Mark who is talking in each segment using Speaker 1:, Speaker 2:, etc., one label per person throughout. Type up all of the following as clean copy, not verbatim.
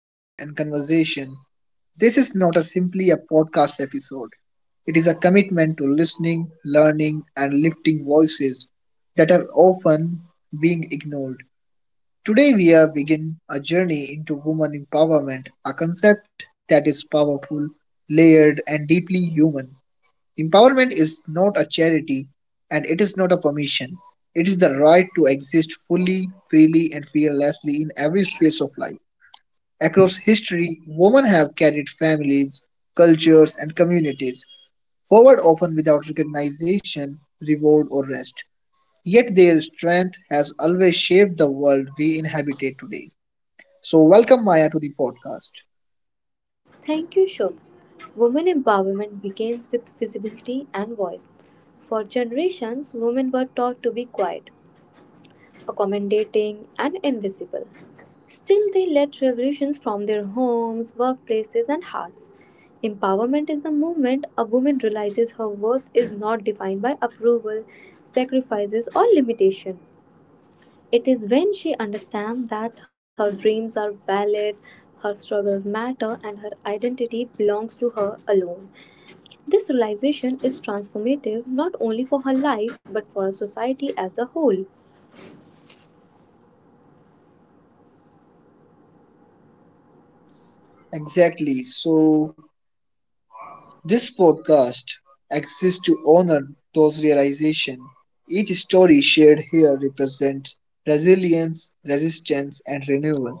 Speaker 1: Courage, and conversation. This is not a simply a podcast episode. It is a commitment to listening, learning, and lifting voices that are often being ignored. Today, we are begin a journey into woman empowerment, a concept that is powerful, layered, and deeply human. Empowerment is not a charity and it is not a permission. It is the right to exist fully, freely, and fearlessly in every space of life. Across history, women have carried families, cultures, and communities forward often without recognition, reward, or rest. Yet their strength has always shaped the world we inhabit today. So, welcome Maya to the podcast.
Speaker 2: Thank you, Shobh. Women empowerment begins with visibility and voice. For generations, women were taught to be quiet, accommodating, and invisible. Still, they led revolutions from their homes, workplaces, and hearts. Empowerment is a movement a woman realizes her worth is not defined by approval, sacrifices, or limitation. It is when she understands that her dreams are valid, her struggles matter, and her identity belongs to her alone. This realization is transformative not only for her life but for a society as a whole.
Speaker 1: Exactly. So, this podcast exists to honor those realizations. Each story shared here represents resilience, resistance, and renewal.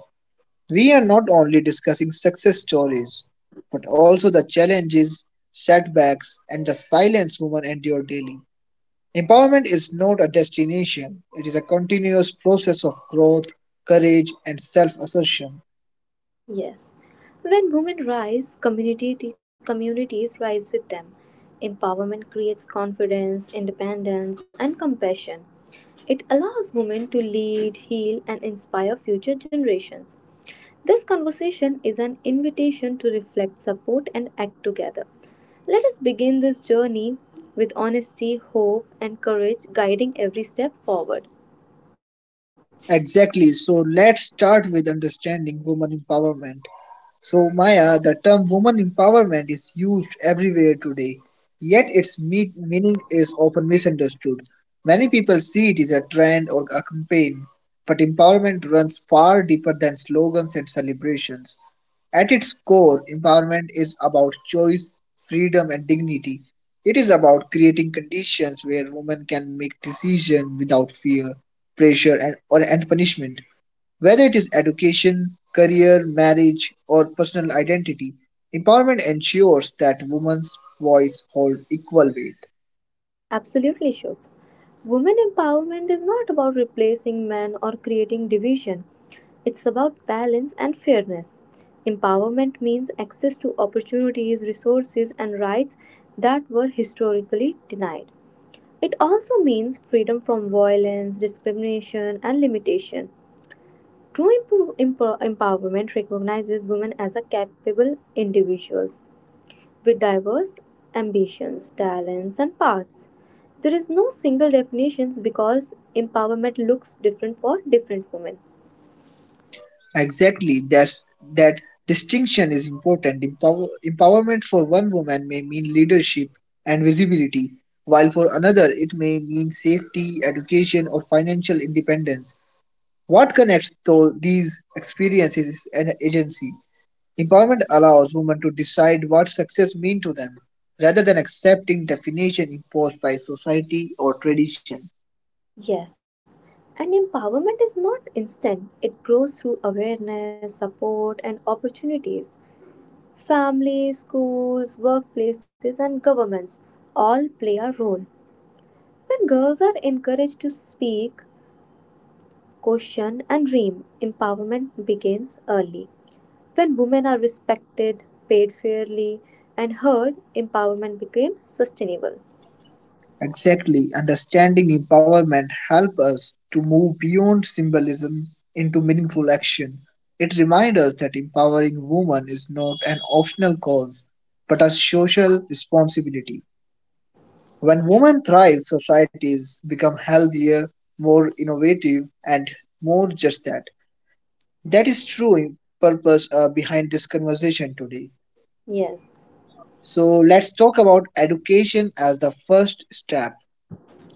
Speaker 1: We are not only discussing success stories, but also the challenges, setbacks, and the silence women endure daily. Empowerment is not a destination, it is a continuous process of growth, courage, and self assertion.
Speaker 2: Yes. When women rise, community communities rise with them. Empowerment creates confidence, independence, and compassion. It allows women to lead, heal, and inspire future generations. This conversation is an invitation to reflect, support, and act together. Let us begin this journey with honesty, hope, and courage guiding every step forward.
Speaker 1: Exactly, so let's start with understanding women empowerment. So, Maya, the term woman empowerment is used everywhere today, yet meaning is often misunderstood. Many people see it as a trend or a campaign, but empowerment runs far deeper than slogans and celebrations. At its core, empowerment is about choice, freedom, and dignity. It is about creating conditions where women can make decisions without fear, pressure, and, or, and punishment. Whether it is education, career, marriage, or personal identity, empowerment ensures that women's voice hold equal weight.
Speaker 2: Absolutely, should. Women empowerment is not about replacing men or creating division. It's about balance and fairness. Empowerment means access to opportunities, resources, and rights that were historically denied. It also means freedom from violence, discrimination, and limitation. True empowerment recognizes women as a capable individuals with diverse ambitions, talents, and paths. There is no single definition because empowerment looks different for different women.
Speaker 1: Exactly, that distinction is important. Empowerment for one woman may mean leadership and visibility, while for another it may mean safety, education, or financial independence. What connects to these experiences is an agency. Empowerment allows women to decide what success means to them, rather than accepting definition imposed by society or tradition.
Speaker 2: Yes, and empowerment is not instant, it grows through awareness, support, and opportunities. Families, schools, workplaces, and governments all play a role. When girls are encouraged to speak, question, and dream, empowerment begins. When women are respected, paid fairly, and heard, empowerment becomes sustainable.
Speaker 1: Exactly, understanding empowerment helps us to move beyond symbolism into meaningful action. It reminds us that empowering women is not an optional cause, but a social responsibility. When women thrive, societies become healthier, more innovative, and more just that. That is true purpose behind this conversation today.
Speaker 2: Yes,
Speaker 1: So let's talk about education as the first step.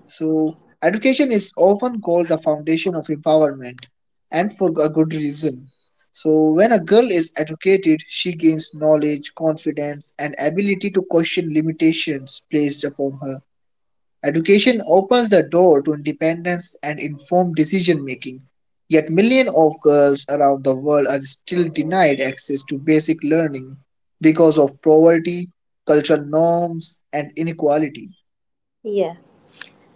Speaker 1: So education is often called the foundation of empowerment and for a good reason. So when a girl is educated, she gains knowledge, confidence and ability to question limitations placed upon her. Education opens the door to independence and informed decision making. Yet millions of girls around the world are still denied access to basic learning because of poverty, cultural norms, and inequality.
Speaker 2: yes.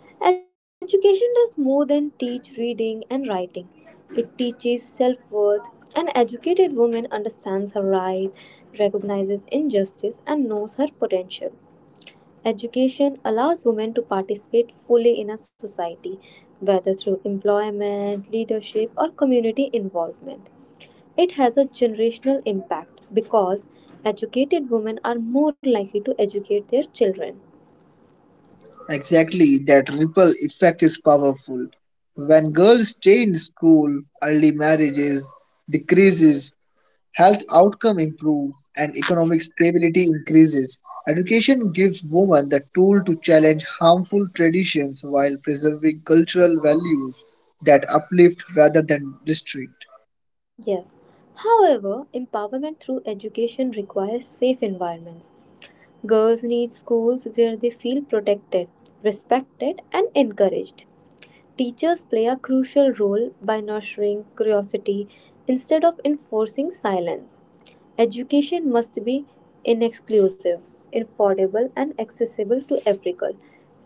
Speaker 2: Education does more than teach reading and writing. It teaches self worth. An educated woman understands her right, recognizes injustice, and knows her potential. Education allows women to participate fully in a society, whether through employment, leadership, or community involvement. It has a generational impact because educated women are more likely to educate their children.
Speaker 1: Exactly, that ripple effect is powerful. When girls stay in school, early marriages decreases health outcome improve and economic stability increases. Education gives women the tool to challenge harmful traditions while preserving cultural values that uplift rather than restrict.
Speaker 2: Yes. However, empowerment through education requires safe environments. Girls need schools where they feel protected, respected, and encouraged. Teachers play a crucial role by nurturing curiosity instead of enforcing silence. Education must be inexclusive, affordable, and accessible to every girl,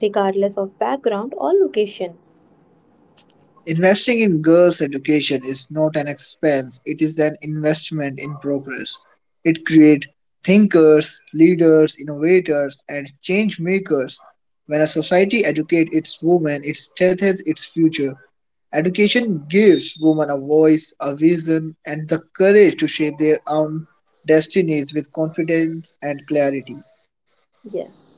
Speaker 2: regardless of background or location.
Speaker 1: Investing in girls' education is not an expense, it is an investment in progress. It creates thinkers, leaders, innovators, and change makers. When a society educates its women, it strengthens its future. Education gives women a voice, a vision, and the courage to shape their own destinies with confidence and clarity.
Speaker 2: Yes.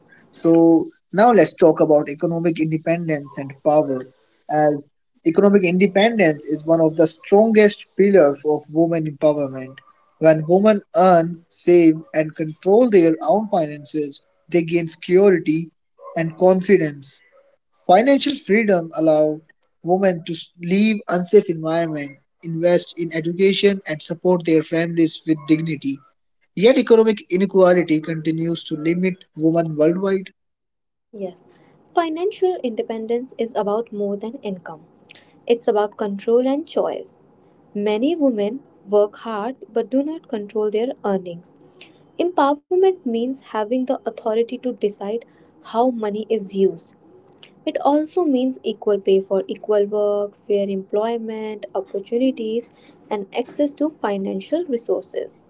Speaker 1: So, now let's talk about economic independence and power. As economic independence is one of the strongest pillars of women empowerment. When women earn, save, and control their own finances, they gain security and confidence. Financial freedom allows women to leave unsafe environment, invest in education and support their families with dignity. Yet economic inequality continues to limit women worldwide.
Speaker 2: Yes, financial independence is about more than income. It's about control and choice. Many women work hard but do not control their earnings. Empowerment means having the authority to decide how money is used. It also means equal pay for equal work, fair employment, opportunities, and access to financial resources.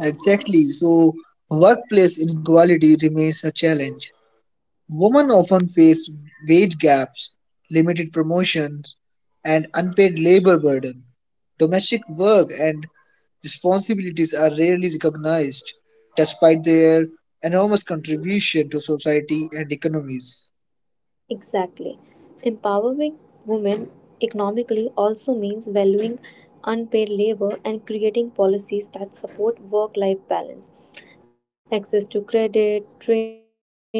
Speaker 1: Exactly, so workplace inequality remains a challenge. Women often face wage gaps, limited promotions, and unpaid labor burden. Domestic work and responsibilities are rarely recognized, despite their enormous contribution to society and economies.
Speaker 2: Exactly. Empowering women economically also means valuing unpaid labor and creating policies that support work life balance. Access to credit, training, and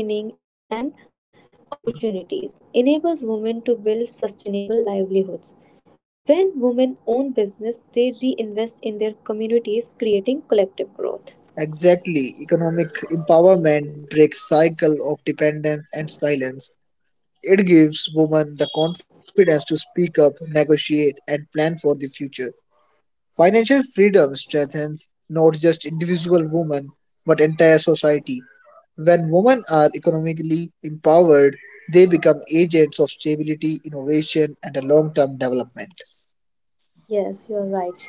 Speaker 2: opportunities enables women to build sustainable livelihoods. When women own business, they reinvest in their communities, creating collective growth.
Speaker 1: Exactly, economic empowerment breaks cycle of dependence and silence. It gives women the confidence to speak up, negotiate, and plan for the future. Financial freedom strengthens not just individual women but entire society. When women are economically empowered, they become agents of stability, innovation, and a long term development.
Speaker 2: Yes, you are right, Shobha.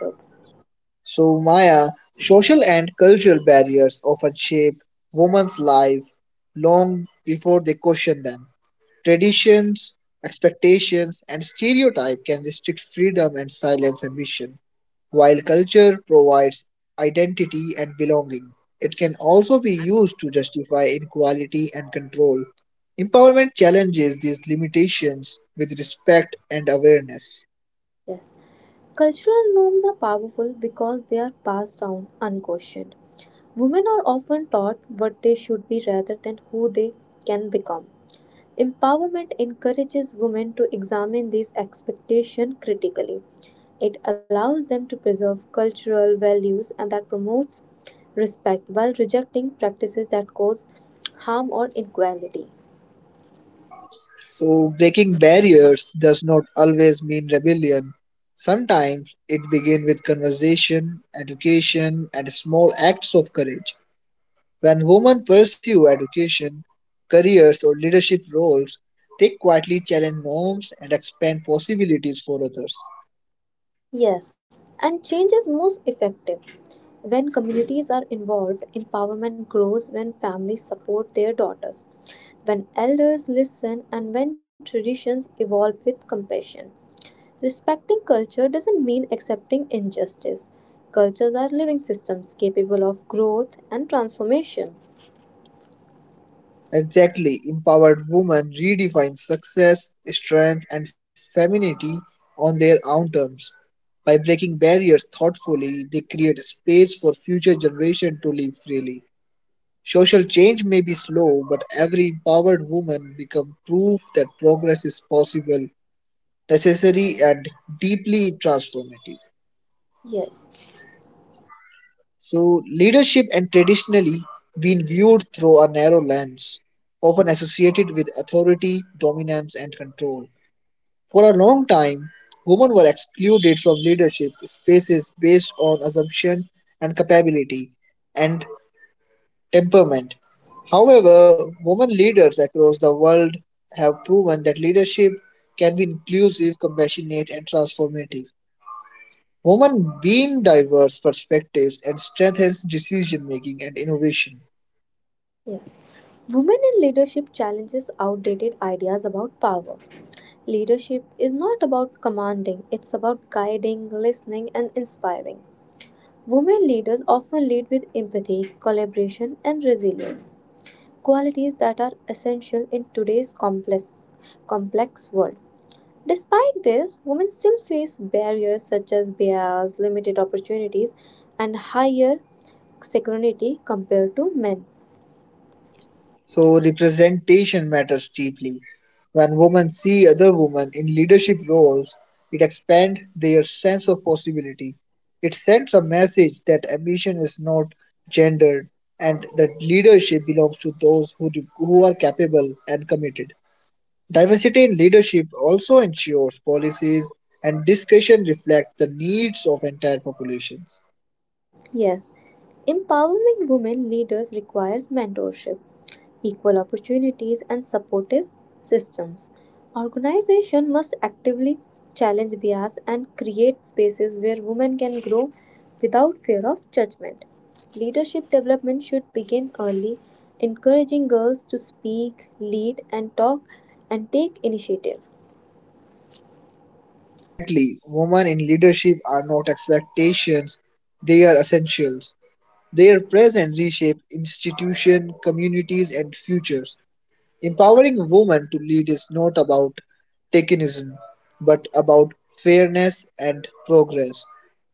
Speaker 1: So, Maya, social and cultural barriers often shape women's life long before they question them. Traditions, expectations, and stereotype can restrict freedom and silence ambition. While culture provides identity and belonging, it can also be used to justify inequality and control. Empowerment challenges these limitations with respect and awareness.
Speaker 2: Yes. Cultural norms are powerful because they are passed down unquestioned. Women are often taught what they should be rather than who they can become. Empowerment encourages women to examine these expectations critically. It allows them to preserve cultural values and that promotes respect while rejecting practices that cause harm or inequality.
Speaker 1: So, breaking barriers does not always mean rebellion. Sometimes it begins with conversation, education, and small acts of courage. When women pursue education, careers, or leadership roles, they quietly challenge norms and expand possibilities for others.
Speaker 2: Yes, and change is most effective when communities are involved. Empowerment grows when families support their daughters, when elders listen, and when traditions evolve with compassion. Respecting culture doesn't mean accepting injustice. Cultures are living systems capable of growth and transformation.
Speaker 1: Exactly, empowered women redefine success, strength, and femininity on their own terms. By breaking barriers thoughtfully, they create space for future generations to live freely. Social change may be slow, but every empowered woman becomes proof that progress is possible, necessary, and deeply transformative.
Speaker 2: Yes.
Speaker 1: So, leadership and traditionally been viewed through a narrow lens, often associated with authority, dominance, and control. For a long time, women were excluded from leadership spaces based on assumption and capability and temperament. However, women leaders across the world have proven that leadership can be inclusive, compassionate, and transformative. Women bring diverse perspectives and strengthens decision making and innovation.
Speaker 2: Yes. Women in leadership challenges outdated ideas about power. Leadership is not about commanding, it's about guiding, listening, and inspiring. Women leaders often lead with empathy, collaboration, and resilience, qualities that are essential in today's complex world. Despite this, women still face barriers such as bias, limited opportunities, and higher security compared to men.
Speaker 1: So representation matters deeply. When women see other women in leadership roles, it expands their sense of possibility. It sends a message that ambition is not gendered and that leadership belongs to those who are capable and committed. Diversity in leadership also ensures policies and discussion reflect the needs of entire populations.
Speaker 2: Yes, empowering women leaders requires mentorship, equal opportunities, and supportive systems. Organization must actively challenge bias and create spaces where women can grow without fear of judgment. Leadership development should begin early, encouraging girls to speak, lead, and talk and take initiative.
Speaker 1: Exactly. Women in leadership are not expectations, they are essentials. Their presence reshape institutions, communities, and futures. Empowering women to lead is not about tokenism, but about fairness and progress.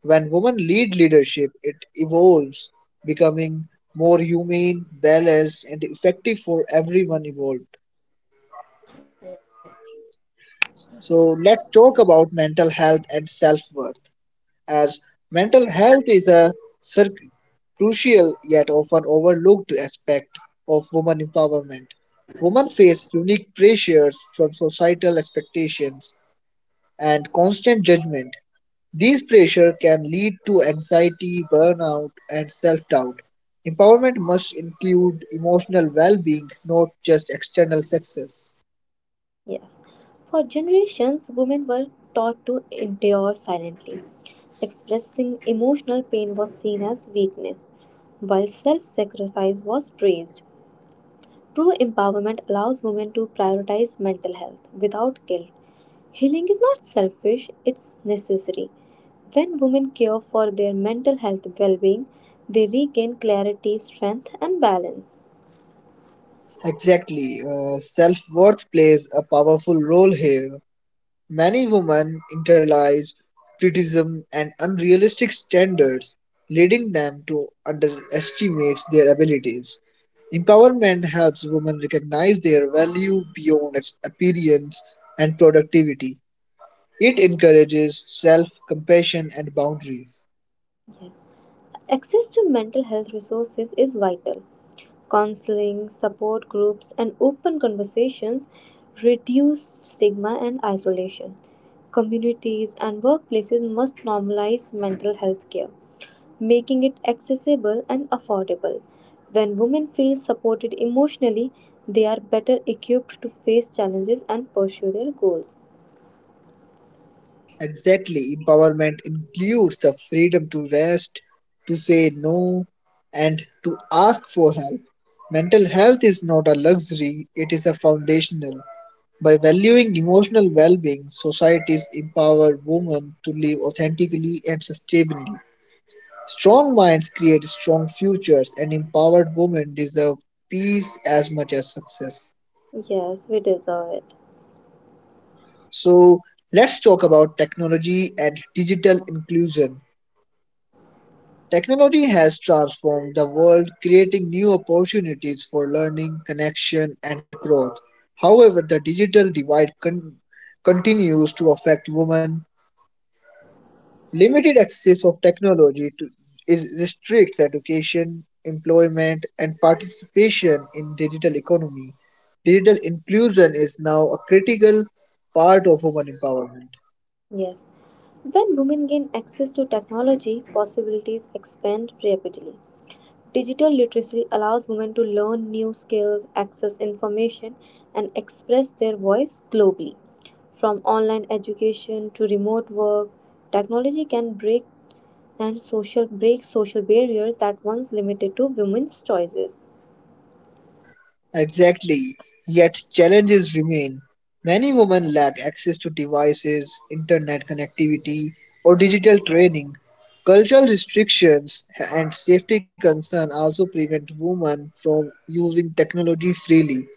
Speaker 1: When women lead leadership, it evolves, becoming more humane, balanced, and effective for everyone involved. So, let's talk about mental health and self worth. As mental health is a cir- crucial yet often overlooked aspect of women empowerment. Women face unique pressures from societal expectations and constant judgment. These pressures can lead to anxiety, burnout, and self doubt. Empowerment must include emotional well being, not just external success.
Speaker 2: Yes. For generations, women were taught to endure silently. Expressing emotional pain was seen as weakness, while self sacrifice was praised. True empowerment allows women to prioritize mental health without guilt. Healing is not selfish, it's necessary. When women care for their mental health well being, they regain clarity, strength, and balance.
Speaker 1: Exactly. Self worth plays a powerful role here. Many women internalize criticism and unrealistic standards, leading them to underestimate their abilities. Empowerment helps women recognize their value beyond appearance and productivity. It encourages self compassion and boundaries.
Speaker 2: Access to mental health resources is vital. Counseling, support groups, and open conversations reduce stigma and isolation. Communities and workplaces must normalize mental health care, making it accessible and affordable. When women feel supported emotionally, they are better equipped to face challenges and pursue their goals.
Speaker 1: Exactly, empowerment includes the freedom to rest, to say no, and to ask for help. Mental health is not a luxury, it is a foundational. By valuing emotional well-being, societies empower women to live authentically and sustainably. Strong minds create strong futures, and empowered women deserve peace as much as success.
Speaker 2: Yes, we deserve it.
Speaker 1: So, let's talk about technology and digital inclusion. Technology has transformed the world, creating new opportunities for learning, connection, and growth. However, the digital continues to affect women. Limited access of technology to, is restricts education, employment, and participation in digital economy. Digital inclusion is now a critical part of women empowerment.
Speaker 2: Yes. When women gain access to technology, possibilities expand rapidly. Digital literacy allows women to learn new skills, access information, and express their voice globally. From online education to remote work, technology can break and social break social barriers that once limited to women's choices.
Speaker 1: Exactly. Yet challenges remain. Many women lack access to devices, internet connectivity, or digital training. Cultural restrictions and safety concerns also prevent women from using technology freely.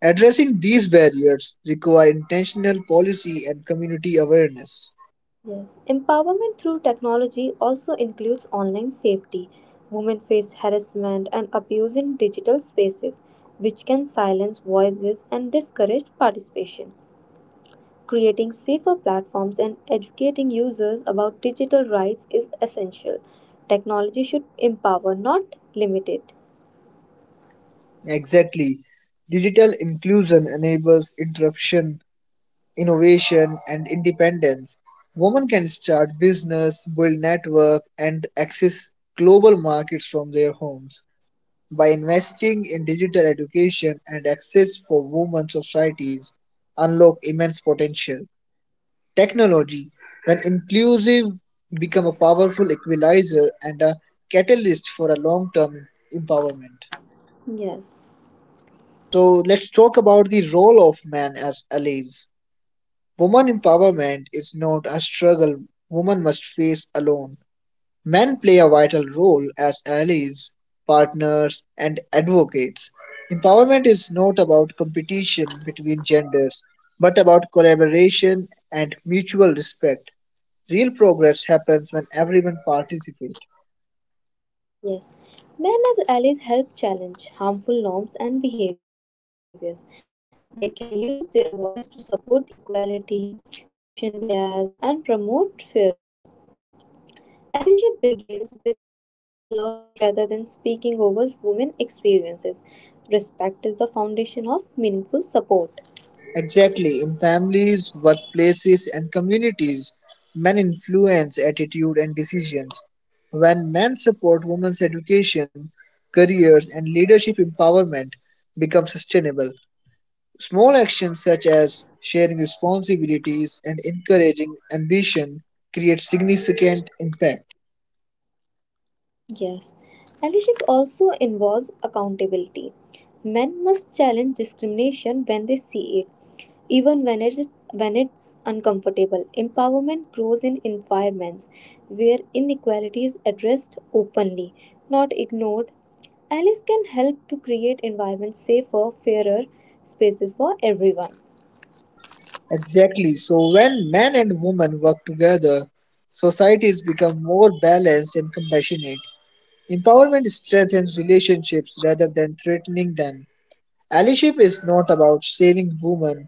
Speaker 1: Addressing these barriers require intentional policy and community awareness.
Speaker 2: Yes, empowerment through technology also includes online safety. Women face harassment and abuse in digital spaces, which can silence voices and discourage participation. Creating safer platforms and educating users about digital rights is essential. Technology should empower, not limit it.
Speaker 1: Exactly. Digital inclusion enables interruption, innovation, and independence. Women can start business, build network, and access global markets from their homes. By investing in digital education and access for women societies, unlock immense potential. Technology, when inclusive, become a powerful equalizer and a catalyst for a long-term empowerment.
Speaker 2: Yes.
Speaker 1: So let's talk about the role of man as allies. Woman empowerment is not a struggle woman must face alone. Men play a vital role as allies, partners, and advocates. Empowerment is not about competition between genders, but about collaboration and mutual respect. Real progress happens when everyone participates.
Speaker 2: Yes. Men as allies help challenge harmful norms and behaviors. They can use their voice to support equality, question bias, and promote fairness. Allyship begins with listening and learning rather than speaking over women's experiences. Respect is the foundation of meaningful support.
Speaker 1: Exactly, in families, workplaces, and communities, men influence attitude and decisions. When men support women's education, careers, and leadership, empowerment becomes sustainable. Small actions such as sharing responsibilities and encouraging ambition create significant impact.
Speaker 2: Yes, allyship also involves accountability. Men must challenge discrimination when they see it, even when it's uncomfortable. Empowerment grows in environments where inequality is addressed openly, not ignored. Allies can help to create environments safer, fairer spaces for everyone.
Speaker 1: Exactly. So when men and women work together, societies become more balanced and compassionate. Empowerment strengthens relationships rather than threatening them. Allyship is not about saving women,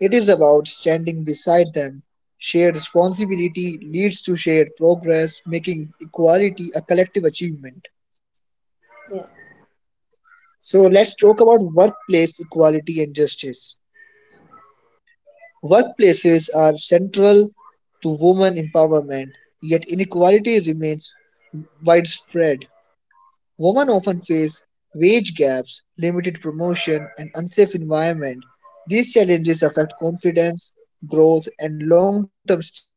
Speaker 1: it is about standing beside them. Shared responsibility leads to shared progress, making equality a collective achievement.
Speaker 2: Yes.
Speaker 1: So let's talk about workplace equality and justice. Workplaces are central to women empowerment, yet inequality remains widespread. Women often face wage gaps, limited promotion, and unsafe environment. These challenges affect confidence, growth, and long-term stability.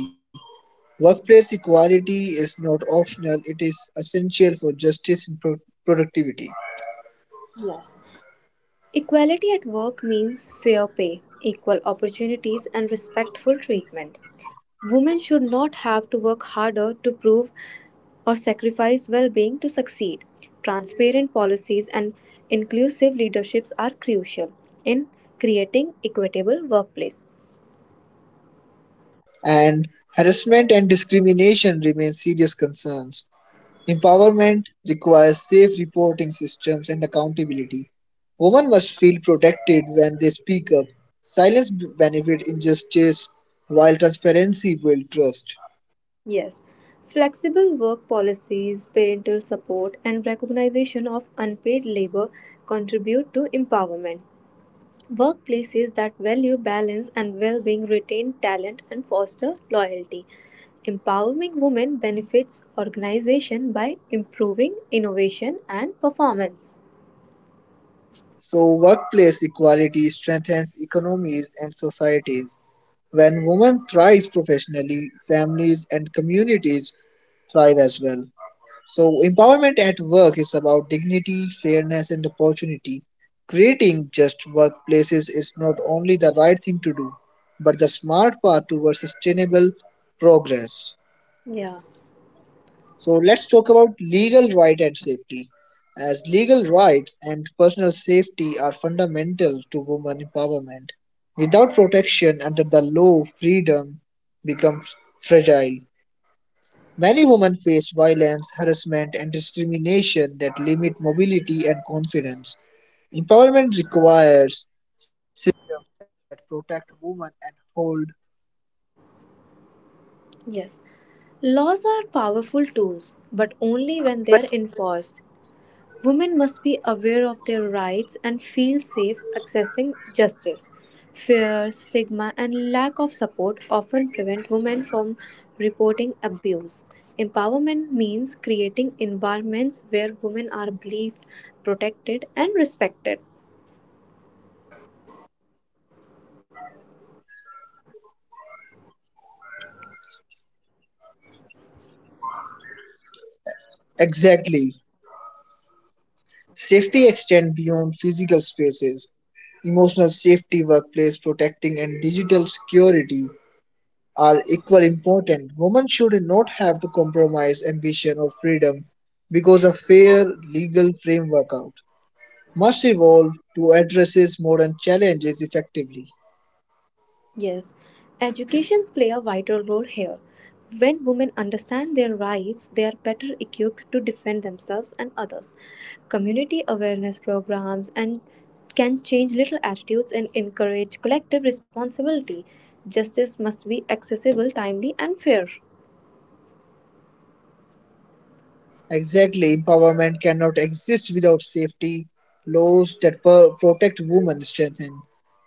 Speaker 1: Workplace equality is not optional, it is essential for justice and productivity.
Speaker 2: Equality at work means fair pay, equal opportunities, and respectful treatment. Women should not have to work harder to prove or sacrifice well being to succeed. Transparent policies and inclusive leaderships are crucial in creating equitable workplace.
Speaker 1: And harassment and discrimination remain serious concerns. Empowerment requires safe reporting systems and accountability. Women must feel protected when they speak up. Silence benefit injustice, while transparency builds trust.
Speaker 2: Yes, flexible work policies, parental support and recognition of unpaid labor contribute to empowerment. Workplaces that value balance and well being retain talent and foster loyalty. Empowering women benefits organization by improving innovation and performance.
Speaker 1: So, workplace equality strengthens economies and societies. When women thrive professionally, families and communities thrive as well. So, empowerment at work is about dignity, fairness, and opportunity. Creating just workplaces is not only the right thing to do, but the smart path towards sustainable progress.
Speaker 2: Yeah,
Speaker 1: So, let's talk about legal right and safety. As legal rights and personal safety are fundamental to women empowerment. Without protection under the law, freedom becomes fragile. Many women face violence, harassment, and discrimination that limit mobility and confidence. Empowerment requires.
Speaker 2: yes. Laws are powerful tools, but only when they are enforced. Women must be aware of their rights and feel safe accessing justice. Fear, stigma, and lack of support often prevent women from reporting abuse. Empowerment means creating environments where women are believed, protected, and respected.
Speaker 1: Exactly. Safety extends beyond physical spaces. Emotional safety, workplace protecting, and digital security are equally important. Women should not have to compromise ambition or freedom because a fair legal framework out must evolve to address modern challenges effectively.
Speaker 2: Yes, educations play a vital role here. When women understand their rights, they are better equipped to defend themselves and others. Community awareness programs and can change little attitudes and encourage collective responsibility. Justice must be accessible, timely, and fair.
Speaker 1: Exactly, empowerment cannot exist without safety laws that protect women strengthen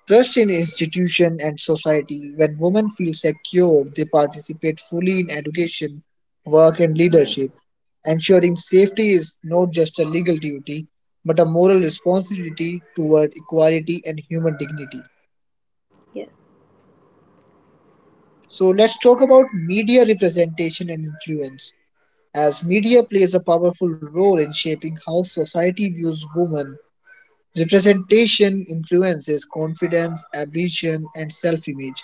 Speaker 1: trust in institution and society. When women feel secure, they participate fully in education, work, and leadership. Ensuring safety is not just a legal duty, but a moral responsibility toward equality and human dignity.
Speaker 2: Yes.
Speaker 1: So let's talk about media representation and influence, as media plays a powerful role in shaping how society views women. Representation influences confidence, ambition, and self image.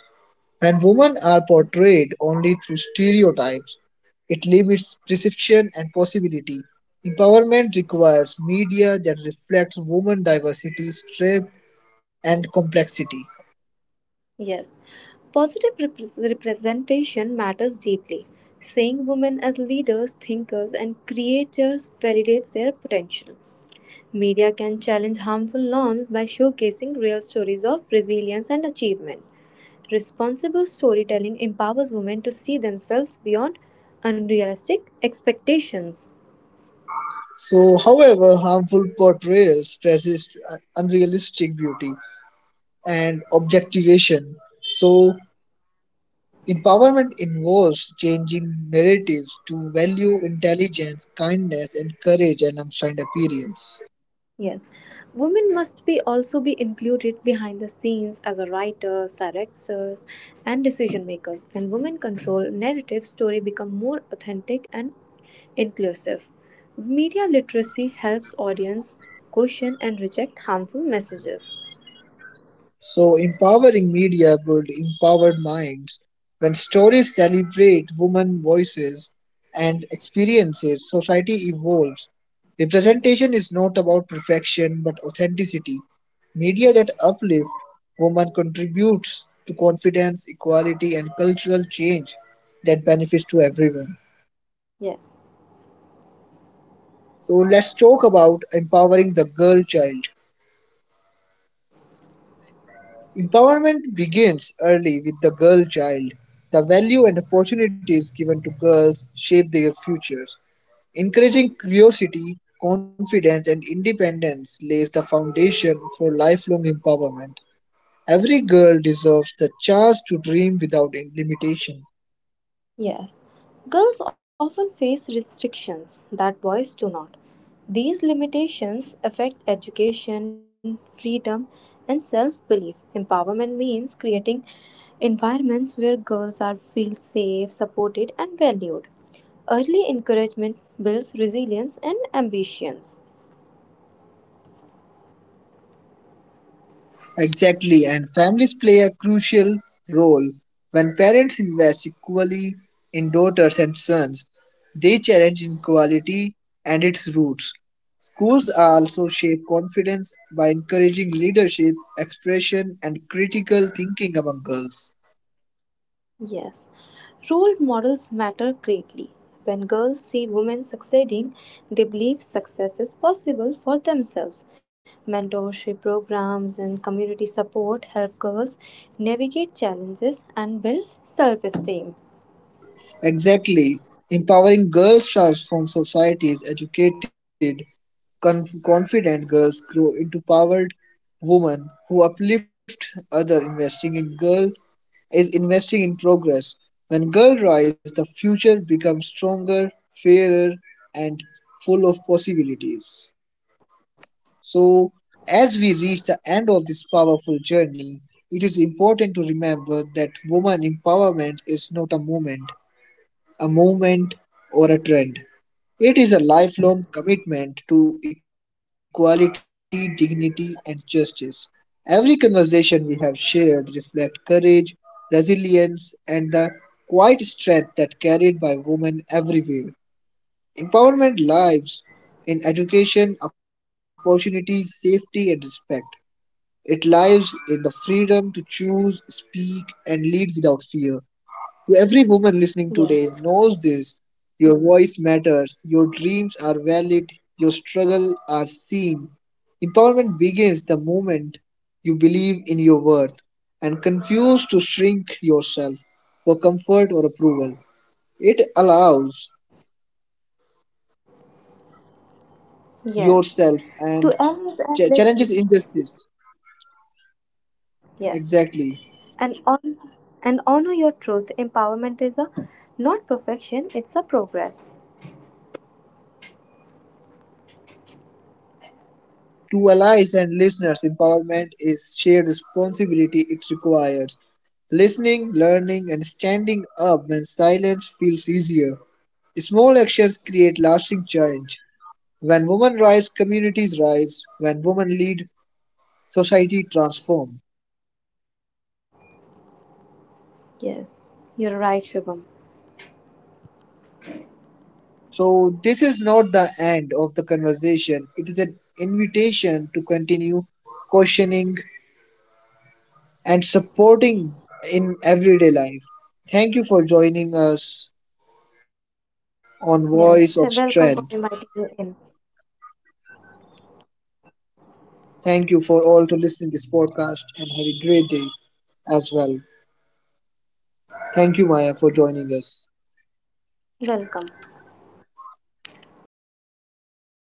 Speaker 1: When women are portrayed only through stereotypes, it limits perception and possibility. Empowerment requires media that reflects women diversity, strength, and complexity.
Speaker 2: Yes. Positive representation matters deeply. Seeing women as leaders, thinkers, and creators validates their potential. Media can challenge harmful norms by showcasing real stories of resilience and achievement. Responsible storytelling empowers women to see themselves beyond unrealistic expectations.
Speaker 1: So, however, harmful portrayals persist, unrealistic beauty and objectivation. So, empowerment involves changing narratives to value intelligence, kindness, and courage alongside appearance.
Speaker 2: Yes, women must be also be included behind the scenes as a writers, directors, and decision makers. When women control narrative, story become more authentic and inclusive. Media literacy helps audience question and reject harmful messages.
Speaker 1: So, empowering media build empowered minds. When stories celebrate women voices and experiences, society evolves. Representation is not about perfection but authenticity. Media that uplift women contributes to confidence, equality, and cultural change that benefits to everyone.
Speaker 2: Yes,
Speaker 1: So let's talk about empowering the girl child. Empowerment begins early with the girl child. The value and opportunities given to girls shape their futures. Encouraging curiosity, confidence, and independence lays the foundation for lifelong empowerment. Every girl deserves the chance to dream without limitation.
Speaker 2: yes. Girls often face restrictions that boys do not. These limitations affect education, freedom, and self belief. Empowerment means creating environments where girls are feel safe, supported, and valued. Early encouragement builds resilience and ambitions.
Speaker 1: Exactly, and families play a crucial role. When parents invest equally in daughters and sons, they challenge inequality and its roots. Schools are also shape confidence by encouraging leadership, expression, and critical thinking among girls.
Speaker 2: Yes, role models matter greatly. When girls see women succeeding, they believe success is possible for themselves. Mentorship programs and community support help girls navigate challenges and build self esteem.
Speaker 1: Exactly, empowering girls transforms societies. Educated, confident girls grow into powered women who uplift other investing in girl is investing in progress. When girls rise, the future becomes stronger, fairer, and full of possibilities. So, as we reach the end of this powerful journey, it is important to remember that woman empowerment is not a moment, a movement, or a trend. It is a lifelong commitment to equality, dignity, and justice. Every conversation we have shared reflects courage, resilience, and the quiet strength that carried by women everywhere. Empowerment lives in education, opportunities, safety, and respect. It lives in the freedom to choose, speak, and lead without fear. Every woman listening today
Speaker 2: Yes,
Speaker 1: knows this. Your voice matters, your are valid, your struggles are seen. Empowerment begins the moment you believe in your worth and confuse to shrink yourself for comfort or approval. It allows
Speaker 2: yes.
Speaker 1: yourself and
Speaker 2: To else and listen.
Speaker 1: challenges injustice.
Speaker 2: Yes,
Speaker 1: Exactly.
Speaker 2: and on and honor your truth. Empowerment is a not perfection; it's a progress.
Speaker 1: To allies and listeners, empowerment is shared responsibility it requires. Listening, learning, and standing up when feels easier. Small actions create lasting change. When women rise, communities rise. When women lead, society transforms.
Speaker 2: Yes, you're right, Shubham.
Speaker 1: So, this is not the end of the conversation. It is an invitation to continue questioning and supporting in everyday life. Thank you for joining us on
Speaker 2: Yes,
Speaker 1: Voice of
Speaker 2: welcome for
Speaker 1: Strength.
Speaker 2: inviting me in.
Speaker 1: Thank you for all to listening this podcast and have a great day as well. Thank you, Maya, for joining us.
Speaker 2: Welcome.